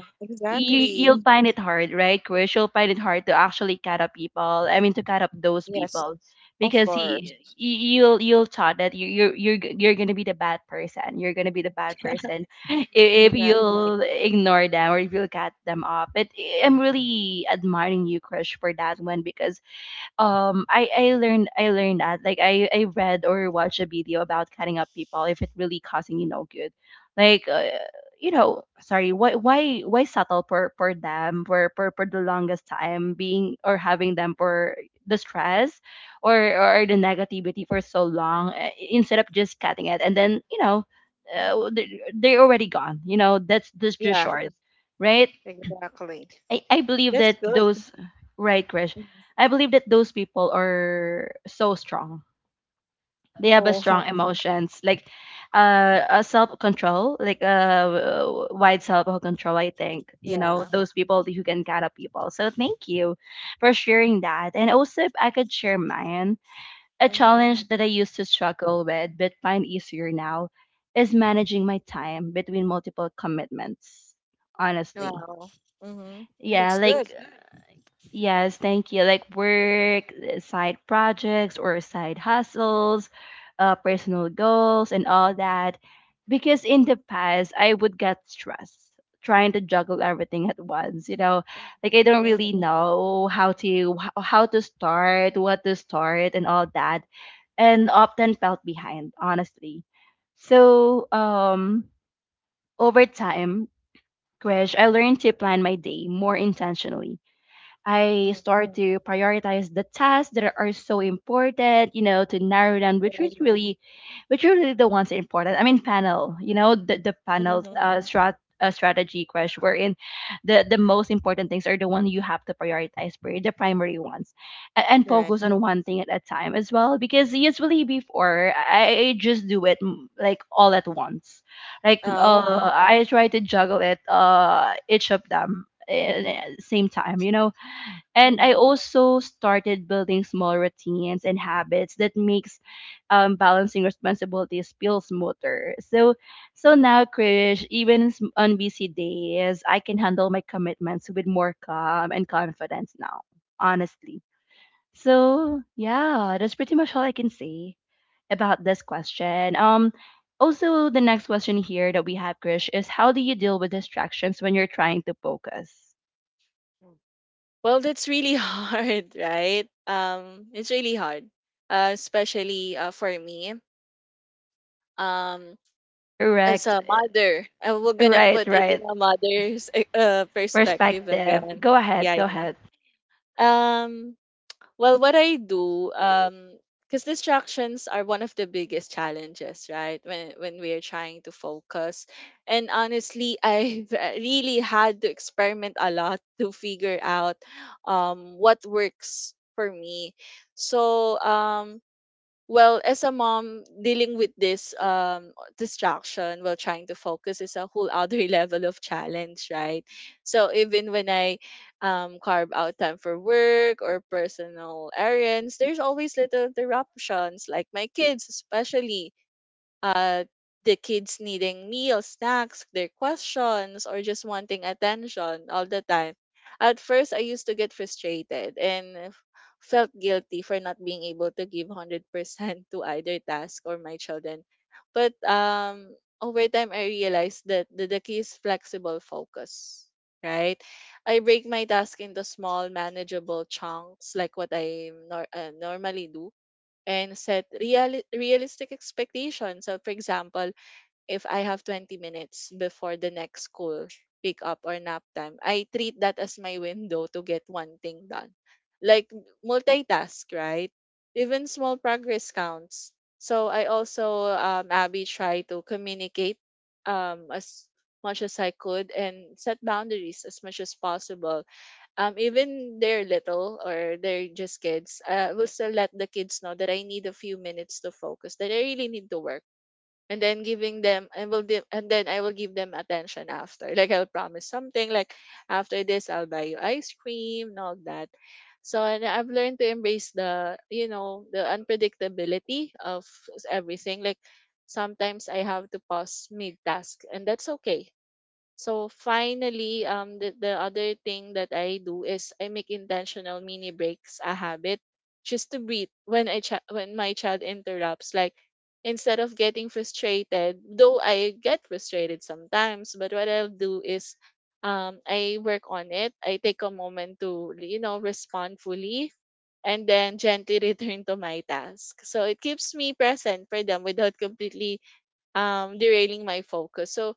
S1: you, you'll
S2: exactly.
S1: find it hard, right, Krish? You'll find it hard to actually cut up people. I mean, to cut up those
S2: Yes,
S1: people
S2: of
S1: because
S2: course.
S1: he. You'll thought that you're gonna be the bad person. You're gonna be the bad person if
S2: Exactly.
S1: you'll ignore them or if you'll cut them off. But I'm really admiring you, Krish, for that one because I learned that, like, I read or watched a video about cutting up people if it really causing you no good, like, sorry, why settle for them, for the longest time, being or having them for the stress or or the negativity for so long, instead of just cutting it, and then they're already gone. That's just
S2: Yeah,
S1: short, right.
S2: exactly.
S1: I believe
S2: That's
S1: that
S2: good.
S1: those, right, Krish.
S2: Mhm.
S1: I believe that those people are so strong. They have a
S2: Oh,
S1: strong emotions, like, a self-control, like a wide self-control, I think. You know,
S2: yeah.
S1: those people who can guide up people. So thank you for sharing that. And also, if I could share mine, a
S2: Mm-hmm.
S1: challenge that I used to struggle with but find easier now is managing my time between multiple commitments, honestly.
S2: Wow. Mm-hmm.
S1: Yeah,
S2: That's good.
S1: like, yes, thank you. Like work, side projects or side hustles, personal goals, and all that. Because in the past, I would get stressed trying to juggle everything at once. You know, like, I don't
S2: Mm-hmm.
S1: really know how to how to start, what to start, and all that, and often felt behind, honestly. So, over time, Krish, I learned to plan my day more intentionally. I start to prioritize the tasks that are so important, you know, to narrow down which
S2: Right.
S1: is really, which are really the ones that are important. I mean, panel, you know, the panel,
S2: Mm-hmm.
S1: strategy crash, wherein the most important things are the one you have to prioritize, pri- the primary ones, and
S2: Right.
S1: focus on one thing at a time as well. Because usually before, I just do it, like all at once. Like,
S2: Oh.
S1: I try to juggle it, each of them in- at the same time, you know. And I
S2: Mm-hmm.
S1: also started building small routines and habits that makes, balancing responsibilities feel smoother. So, so now, Krish, even s- on busy days, I can handle my commitments with more calm and confidence now. Honestly. So yeah, that's pretty much all I can say about this question. Also, the next question here that we have, Krish, is: how do you deal with distractions when you're trying to focus?
S2: Well, that's really hard, right? It's really hard, especially for me. Um, as
S1: Correct.
S2: a mother, we're gonna
S1: Right,
S2: put it in
S1: right.
S2: a mother's perspective
S1: Perspective.
S2: again.
S1: Go ahead.
S2: Yeah,
S1: Go ahead.
S2: yeah. Um, Well, what I do, because distractions are one of the biggest challenges, right? When we are trying to focus, and honestly, I've really had to experiment a lot to figure out, what works for me. So, well, as a mom, dealing with this distraction while trying to focus is a whole other level of challenge, right? So even when I carve out time for work or personal errands, there's always little interruptions, like my kids especially uh, the kids needing meals, snacks, their questions, or just wanting attention all the time. At first, I used to get frustrated and felt guilty for not being able to give 100% to either task or my children. But Over time, I realized that the key is flexible focus, right? I break my task into small, manageable chunks, like what I normally do and set realistic expectations. So, for example, if I have 20 minutes before the next school pick up or nap time, I treat that as my window to get one thing done. Like multitask, right? Even small progress counts. So I also, Abby, try to communicate as much as I could and set boundaries as much as possible. Even they're little or they're just kids, I will still let the kids know that I need a few minutes to focus, that I really need to work. And then giving them, and then I will give them attention after. Like I'll promise something, like after this, I'll buy you ice cream and all that. So and I've learned to embrace the unpredictability of everything. Like sometimes I have to pause mid task, and that's okay. So finally, the other thing that I do is I make intentional mini breaks a habit, just to breathe when when my child interrupts. Like instead of getting frustrated, though I get frustrated sometimes, but what I'll do is, I work on it. I take a moment to respond fully and then gently return to my task. So it keeps me present for them without completely derailing my focus. So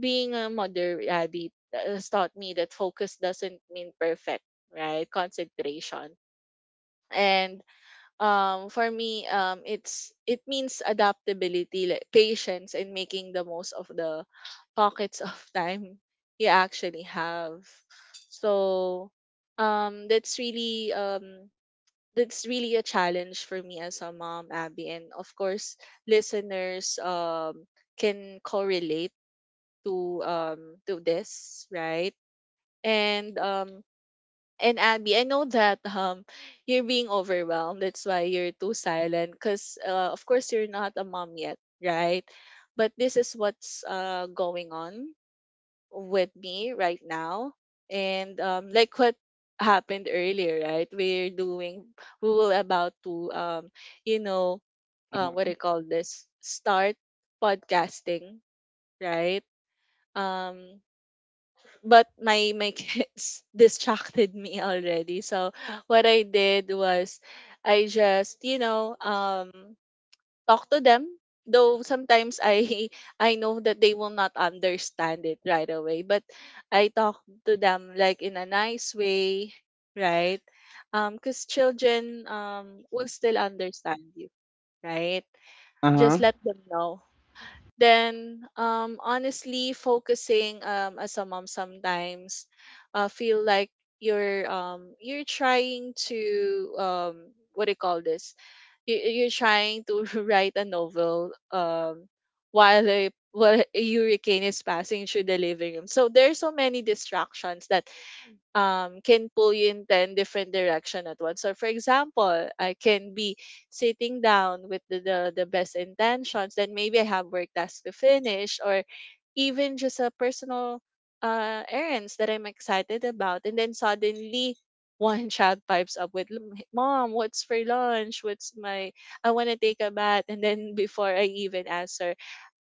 S2: being a mother rabbit has taught me that focus doesn't mean perfect, right? Concentration. And For me, it means adaptability, like patience, and making the most of the pockets of time you actually have. So um, that's really um, that's really a challenge for me as a mom, Abby, and of course, listeners can correlate to um to this, right? And um and Abby, I know that you're being overwhelmed. That's why you're too silent because, of course, you're not a mom yet, right? But this is what's going on with me right now. And like what happened earlier, right? We will about to, you know what
S1: Mm-hmm.
S2: do you call this, start podcasting, right um but my kids distracted me already. So what I did was I just, talk to them. Though sometimes I I know that they will not understand it right away, but I talk to them like in a nice way, right? Because children will still understand you, right? Just
S1: Uh-huh.
S2: let them know. Then, honestly, focusing as a mom sometimes feel like you're trying to, what do you call this? You're trying to write a novel, while while a hurricane is passing through the living room. So there are so many distractions that, can pull you in 10 different direction at once. Or for example, I can be sitting down with the best intentions, then maybe I have work tasks to finish or even just a personal, errands that I'm excited about. And then suddenly one child pipes up with, Mom, what's for lunch? What's my, I want to take a bath." And then before I even answer,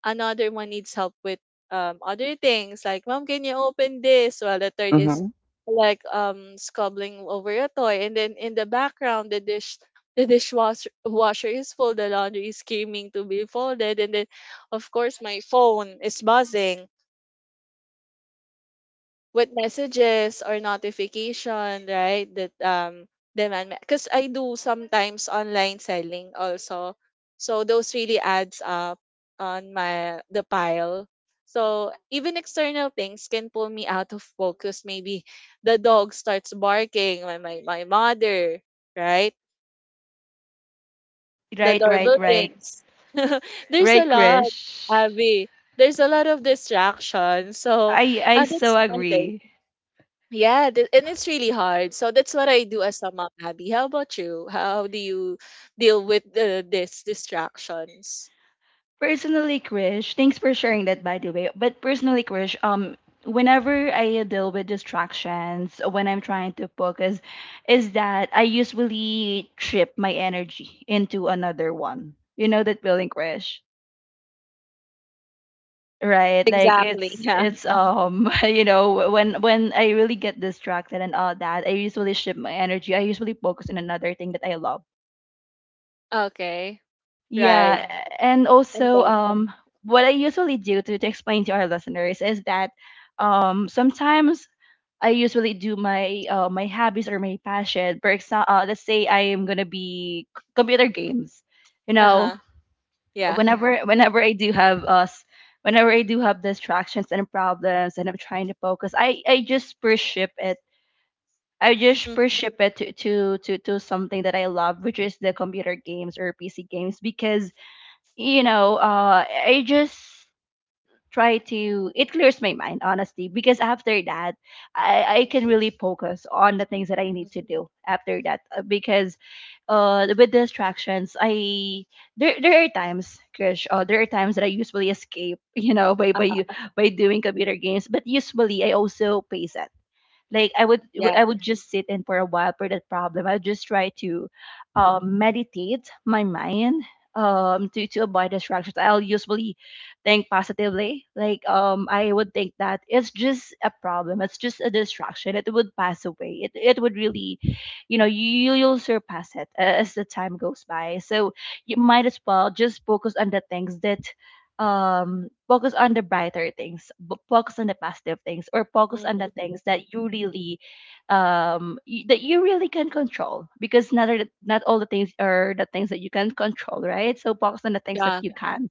S2: another one needs help with other things, like, "Mom, can you open this?" while the third is
S1: Mm-hmm.
S2: squabbling over a toy, and then in the background the dishwasher washer is full, the laundry is screaming to be folded, and then of course my phone is buzzing with messages or notification, right? That demand, because I do sometimes online selling also. So those really adds up on my the pile. So even external things can pull me out of focus. Maybe the dog starts barking, my mother, right? The
S1: Right, right,
S2: doorbell
S1: right.
S2: rings. There's a
S1: Right,
S2: lot,
S1: Krish.
S2: Abby. There's a lot of distraction. So,
S1: I so
S2: that's my take.
S1: agree.
S2: Yeah, and it's really hard. So that's what I do as a mom, Abby. How about you? How do you deal with, these distractions?
S1: Personally, Krish, thanks for sharing that, by the way. But personally, Krish, whenever I deal with distractions when I'm trying to focus is that I usually trip my energy into another one. You know that feeling, Krish? Right. Like,
S2: Exactly.
S1: it's
S2: Yeah.
S1: it's um you know, when I really get distracted and all that, I usually shift my energy. I usually focus on another thing that I love.
S2: Okay, right.
S1: Yeah, yes. And
S2: And
S1: also,
S2: then,
S1: what I usually do, to explain to our listeners, is that, sometimes I usually do my hobbies or my passion. For example, let's say I am gonna be c- computer games, you know.
S2: uh-huh, yeah.
S1: Whenever, yeah, whenever I do have us, whenever I do have distractions and problems and I'm trying to focus, I just worship it. I just
S2: Mm-hmm.
S1: worship it, to something that I love, which is the computer games or PC games. Because you know, I just try to, it clears my mind, honestly. Because after that, I can really focus on the things that I need
S2: Mm-hmm.
S1: to do after that, because with distractions, I there are times, Krish, there are times that I usually escape, you know,
S2: Uh,
S1: by doing computer games. But usually I also pace it. Like I would,
S2: yeah.
S1: I would just sit in for a while for that problem. I would just try to, meditate my mind, to avoid distractions. I'll usually think positively. Like, I would think that it's just a problem. It's just a distraction. It would pass away. It would really, you know, you'll surpass it a- as the time goes by. So you might as well just focus on the things that, focus on the brighter things, b- focus on the positive things, or focus on
S2: Mm-hmm.
S1: the things that you really, y- that you really can control. Because not all-, not all the things are the things that you can control, right? So focus on the things that
S2: Yeah.
S1: you can,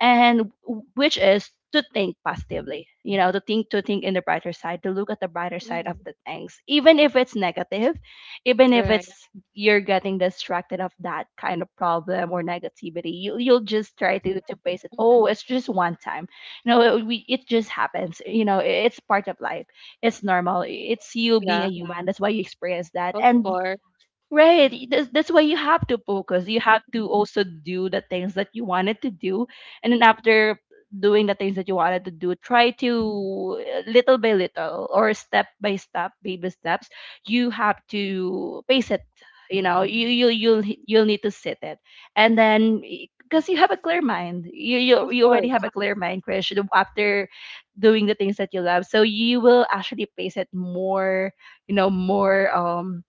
S1: and w- which is to think positively, you know, to think in the brighter side, to look at the brighter side of
S2: Mm-hmm.
S1: the things, even if it's negative, even
S2: You're
S1: if
S2: right.
S1: it's, you're getting distracted of that kind of problem or negativity. You'll just try to face it.
S2: Mm-hmm.
S1: Oh, it's just one time, you know, it just happens, you know. It's part of life. It's normal. It's you being a
S2: Yeah.
S1: human, that's why you experience that.
S2: Of
S1: And
S2: course.
S1: right.
S2: Mm-hmm.
S1: That's, why you have to focus. You have to also do the things that you wanted to do. And then, after doing the things that you wanted to do, try to, little by little, or step by step, baby steps, you have to pace it. You know, you'll h- you'll need to sit it. And then, because you have a
S2: Mm-hmm.
S1: clear mind.
S2: Of
S1: You already have
S2: course.
S1: a clear mind, Krish, after doing the things that you love. So you will actually pace it more, you know, more,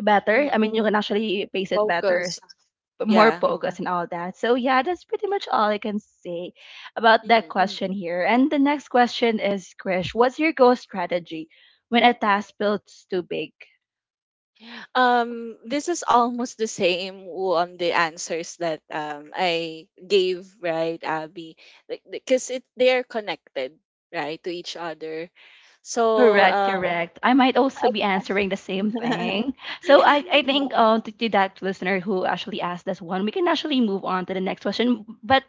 S1: better. I
S2: Mm-hmm.
S1: mean, you can actually pace it better, s-
S2: Focused.
S1: more
S2: Yeah.
S1: focus and all that. So yeah, that's pretty much all I can say about that
S2: Mm-hmm.
S1: question here. And the next question is, Krish: what's your goal strategy when a task feels too big?
S2: This is almost the same on the answers that I gave, right, Abby? Like because it they are connected, right, to each other. So,
S1: Correct, correct. I might also
S2: I
S1: be answering the same thing. So I think,
S2: right,
S1: to that listener who actually asked this one, we can actually move on to the next question. But,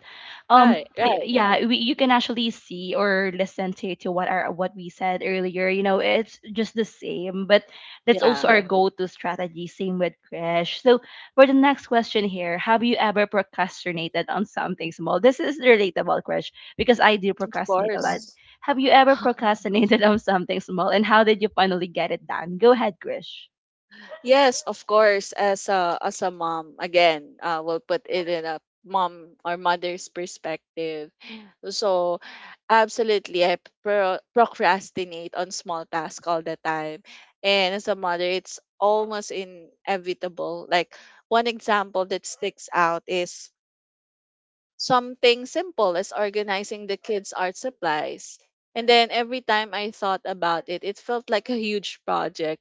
S2: right,
S1: pl-
S2: right,
S1: yeah, we, you can actually see or listen to what our what we said earlier. You know, it's just the same, but that's
S2: yeah,
S1: also our go-to strategy, same with Krish. So for the next question here: have you ever procrastinated on something small? This is relatable, Krish, because I do
S2: of
S1: procrastinate a lot.
S2: course.
S1: Have you ever procrastinated on something small, and how did you finally get it done? Go ahead, Grish.
S2: Yes, of course. As a mom, again, we'll put it in a mom or mother's perspective. So, absolutely, I procrastinate on small tasks all the time. And as a mother, it's almost inevitable. Like, one example that sticks out is something simple as organizing the kids' art supplies. And then every time I thought about it, it felt like a huge project,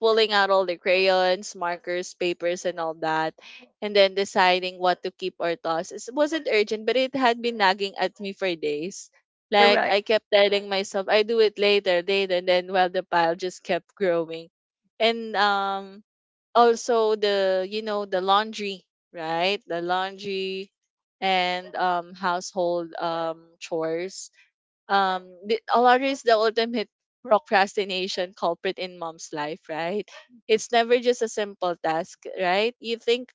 S2: pulling out all the crayons, markers, papers, and all that, and then deciding what to keep or toss. It wasn't urgent, but it had been nagging at me for days. Like
S1: Correct.
S2: I kept telling myself, I do it later, later, and then well, the pile just kept growing, and, also the you know the laundry, right? The laundry and household chores, Alara is the ultimate procrastination culprit in mom's life, right? It's never just a simple task, right? You think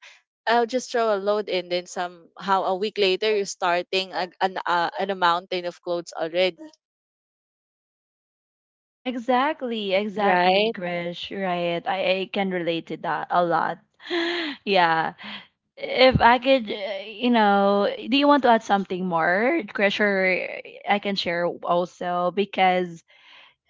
S2: I'll just throw a load in, then somehow a week later you're starting a, an a mountain of clothes already,
S1: Exactly, exactly,
S2: right?
S1: Grish. Right. I can relate to that a lot. Yeah. If I could, you know, do you want to add something more, Grish, or I can share also, because,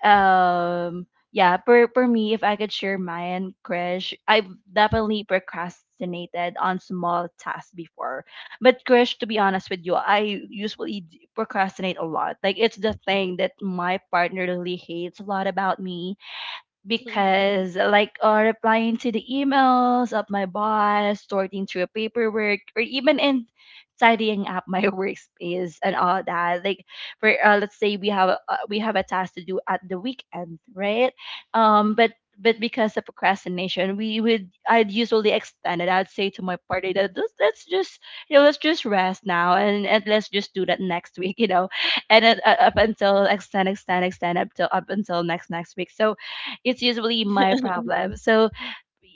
S1: um yeah. For me, if I could share mine, Krish, I've definitely procrastinated on small tasks before. But Krish, to be honest with you, I usually d- procrastinate a lot, like it's the thing that my partner really hates a lot about me. Because like, replying to the emails of my boss, sorting through paperwork, or even in tidying up my workspace and all that. Like, for, let's say we have a task to do at the weekend, right? But because of procrastination, we would, I'd usually extend it. I'd say to my party that, let's just, you know, let's just rest now, and let's just do that next week, you know. And it, up until extend extend extend up till up until next next week. So it's usually my problem. So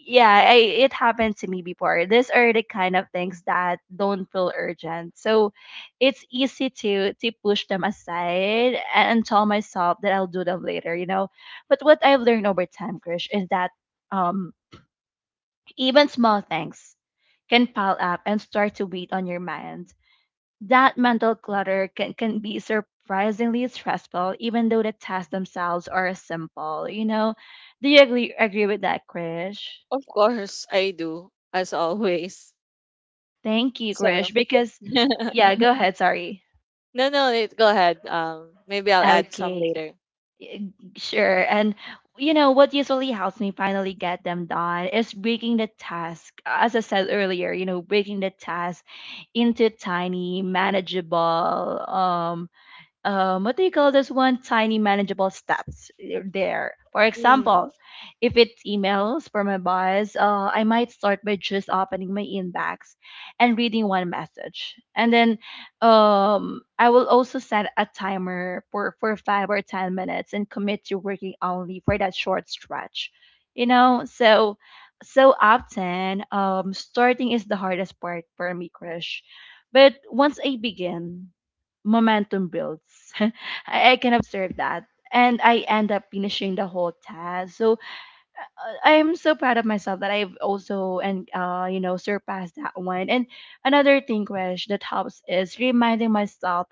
S1: yeah, I, it happened to me before. These are the kind of things that don't feel urgent. So it's easy to push them aside and tell myself that I'll do them later, you know. But what I've learned over time, Krish, is that, um even small things can pile up and start to weigh on your mind. That mental clutter can be surprisingly stressful, even though the tasks themselves are simple. You know, do you agree with that, Krish?
S2: Of course, I do as always.
S1: Thank you,
S2: So
S1: Krish, because,
S2: no,
S1: yeah, go ahead. Sorry.
S2: no, it, go ahead. Maybe I'll add some
S1: Okay,
S2: later.
S1: y- sure. And you know what usually helps me finally get them done is breaking the task. As I said earlier, you know, breaking the task into tiny, manageable, what do you call this one? Tiny manageable steps, there. For
S2: Mm.
S1: example, if it's emails from my boss, I might start by just opening my inbox and reading one message. And then, I will also set a timer for 5 or 10 minutes and commit to working only for that short stretch. You know, so so often, starting is the hardest part for me, Krish. But once I begin, momentum builds. I can observe that. And I end up finishing the whole task. So, I'm so proud of myself that I've also, and, you know, surpassed that one. And another thing, Krish, that helps is reminding myself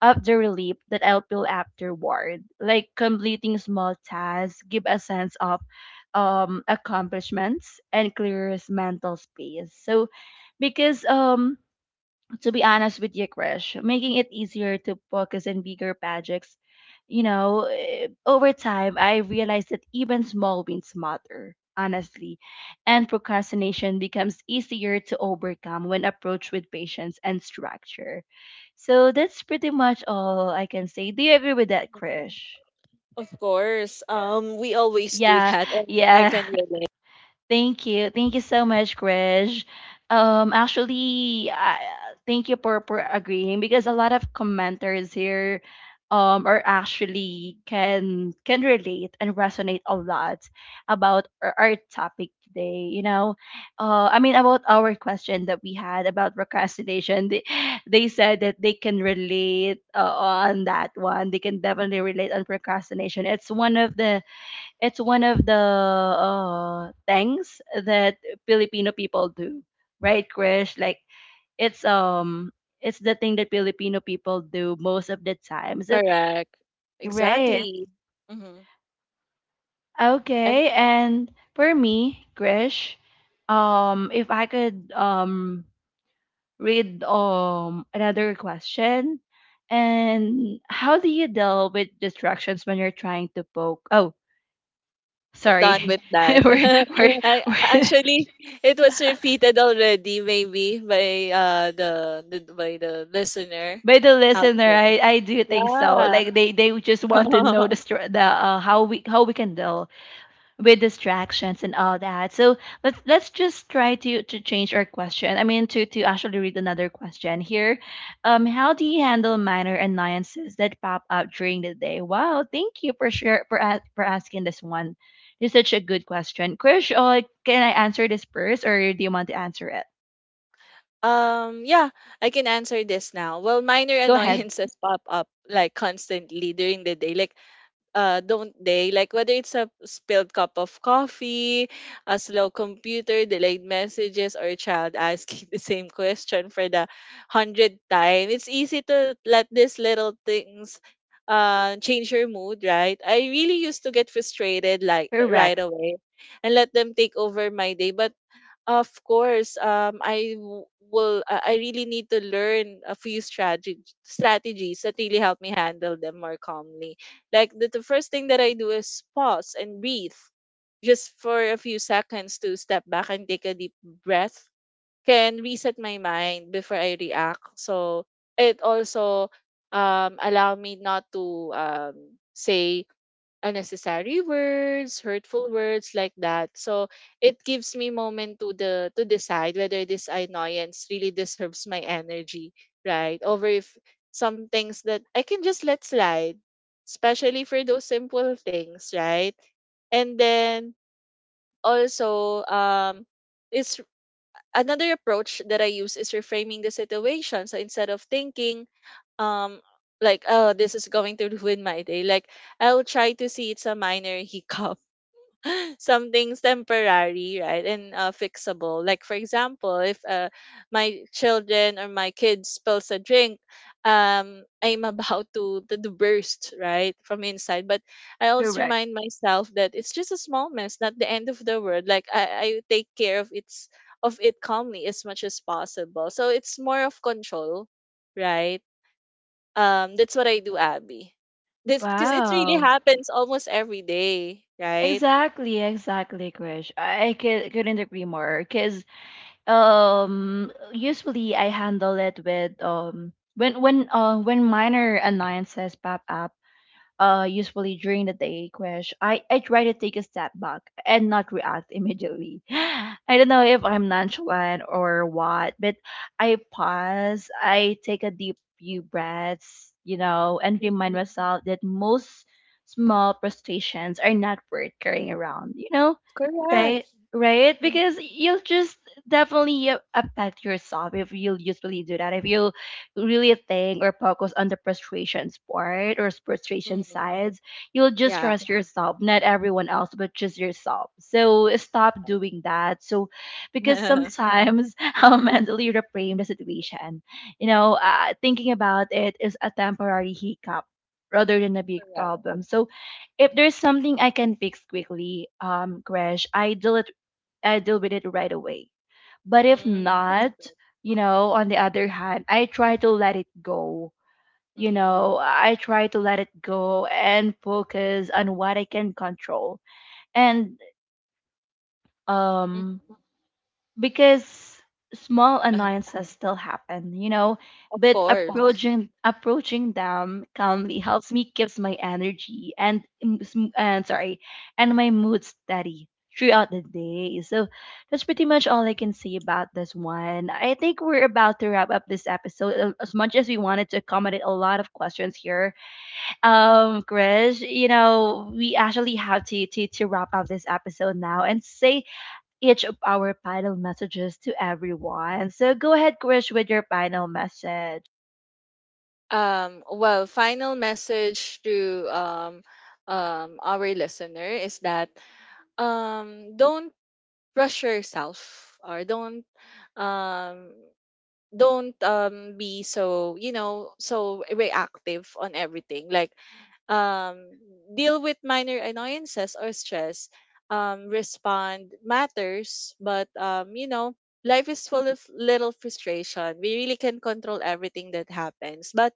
S1: of the relief that I'll feel afterward. Like completing small tasks give a sense of, accomplishments, and clears mental space. So because to be honest with you, Krish, making it easier to focus on bigger projects, you know, over time, I realized that even small wins matter, honestly. And procrastination becomes easier to overcome when approached with patience and structure. So that's pretty much all I can say. Do you agree with that, Krish?
S2: Of course, we always do
S1: Yeah,
S2: that, and I
S1: yeah.
S2: can relate.
S1: Thank you. Thank you so much, Krish. Actually, I, thank you for agreeing because a lot of commenters here are actually can relate and resonate a lot about our topic today. You know, I mean about our question that we had about procrastination. They said that they can relate on that one. They can definitely relate on procrastination. It's one of the things that Filipino people do, right, Krish? It's um it's the thing that Filipino people do most of the time. So
S2: Correct.
S1: right.
S2: Exactly. Mm-hmm. And,
S1: Okay, and for me, Krish,
S2: mm-hmm,
S1: if I could read another question. And how do you deal with distractions when you're trying to poke? Oh,
S2: we're done
S1: sorry.
S2: with that.
S1: we're, Yes.
S2: I
S1: we're
S2: actually It was repeated already, maybe by the listener
S1: By the
S2: out
S1: listener,
S2: there.
S1: I do think so.
S2: Yeah.
S1: Like they just want to know the str- the uh, how we, how we can deal with distractions and all that. So let's just try to change our question. I mean to actually read another question here. How do you handle minor annoyances that pop up during the day? Wow, thank you for sure for for asking this one. It's such a good question, Krish. Can I answer this first, or do you want to answer it?
S2: Yeah, I can answer this now. Well, minor
S1: Go ahead.
S2: annoyances pop up, like, constantly during the day. Don't they? Like whether it's a spilled cup of coffee, a slow computer, delayed messages, or a child asking the same question for the 100th time. It's easy to let these little things, change your mood, right? I really used to get frustrated, like, right
S1: Correct.
S2: away and let them take over my day. But of course, will. I really need to learn a few strategies that really help me handle them more calmly. Like the first thing that I do is pause and breathe, just for a few seconds to step back and take a deep breath. Can reset my mind before I react. So it also allow me not to um say unnecessary words, hurtful words, like that. So it gives me moment to decide whether this annoyance really deserves my energy, right? Over, if some things that I can just let slide, especially for those simple things, right? And then, also, is another approach that I use is reframing the situation. So instead of thinking, um like, "Oh, this is going to ruin my day," like, I'll try to see it's a minor hiccup, something's temporary, right, and, fixable. Like, for example, if, my children or my kid spills a drink, I'm about to burst right from inside, but I always
S1: Correct.
S2: remind myself that it's just a small mess, not the end of the world. Like I take care of its of it calmly as much as possible, so it's more of control, right? That's what I do, Abby. This because it really
S1: Wow.
S2: happens almost every day, right?
S1: Exactly, exactly, Krish. Couldn't agree more. Cause usually I handle it with when minor annoyances pop up usually during the day, crash I try to take a step back and not react immediately. I don't know if I'm nonchalant or what, but I pause, I take a deep few breaths, you know, and remind
S2: Mhm.
S1: myself that most small frustrations are not worth carrying around, you know. Right,
S2: Correct.
S1: right. Because you'll just definitely affect yourself if you'll usually do that. If you really think or focus on the frustrations part or frustration
S2: Mm-hmm.
S1: sides, you'll just
S2: Yeah.
S1: trust yourself, not everyone else, but just yourself. So stop doing that. So, because sometimes I'll mentally reframe the situation, you know, thinking about it is a temporary hiccup rather than a big problem. So if there's something I can fix quickly, crash, I deal it, I deal with it right away. But if
S2: Mm, that's
S1: not,
S2: good.
S1: you know, on the other hand, I try to let it go. You
S2: Mm.
S1: know, I try to let it go and focus on what I can control. And um,
S2: Mhm.
S1: because small
S2: Uh-huh.
S1: annoyances still happen, you know,
S2: Of
S1: but Opo.
S2: course.
S1: Approaching them calmly helps me keeps my energy and m- s- m- and sorry, and my mood steady throughout the day. So that's pretty much all I can say about this one. I think we're about to wrap up this episode as much as we wanted to accommodate a lot of questions here. Krish, you know, we actually have to wrap up this episode now and say each of our final messages to everyone. So go ahead, Krish, with your final message.
S2: Well, final message to, our listener is that, don't pressure yourself, or don't, um, don't be so, so reactive on everything, like, um deal with minor annoyances or stress, respond matters, but, life is full of little frustration. We really can control everything that happens, but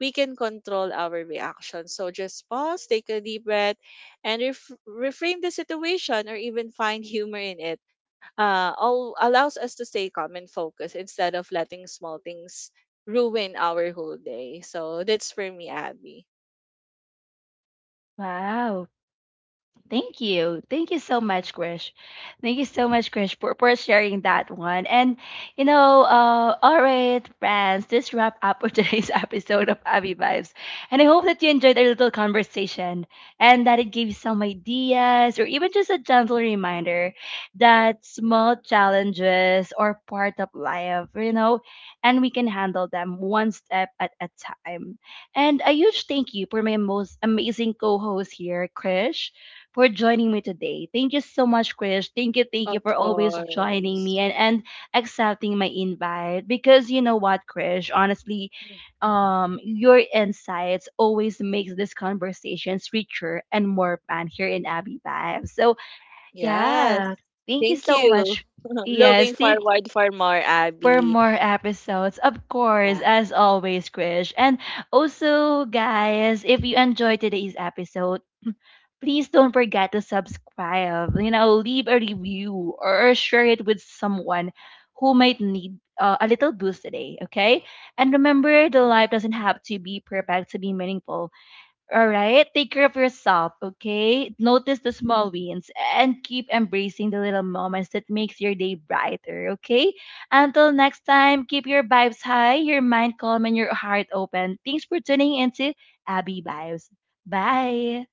S2: we can control our reaction. So just pause, take a deep breath, and reframe the situation or even find humor in it. Allows us to stay calm and focused instead of letting small things ruin our whole day. So that's for me, Abby.
S1: Wow, thank you. Thank you so
S2: Mm.
S1: much, Krish. Thank you so much, Krish, for sharing that one. And, you know, all right, friends, this wrap up for today's episode of Abby Vibes. And I hope that you enjoyed our little conversation and that it gave you some ideas or even just a gentle reminder that small challenges are part of life, you know, and we can handle them one step at a time. And a huge thank you for my most amazing co host here, Krish, for joining me today. Thank you so much, Chris. Thank you
S2: Of
S1: for always joining me
S2: course.
S1: and accepting my invite. Because you know what, Chris, honestly,
S2: Mm.
S1: your insights always makes these conversations richer and more fun here in Abby Vibes. So
S2: Yes.
S1: yeah, thank you
S2: Thank
S1: so
S2: you.
S1: much.
S2: Looking
S1: Yes, thank
S2: forward for more,
S1: for
S2: Abby.
S1: more episodes. Of course,
S2: Yeah.
S1: as always, Krish. And also, guys, if you enjoyed today's episode, please don't forget to subscribe. You know, leave a review or share it with someone who might need a little boost today, okay? And remember, the life doesn't have to be perfect to be meaningful. All right, take care of yourself, okay? Notice the small wins and keep embracing the little moments that makes your day brighter, okay? Until next time, keep your vibes high, your mind calm, and your heart open. Thanks for tuning into Abby Vibes. Bye.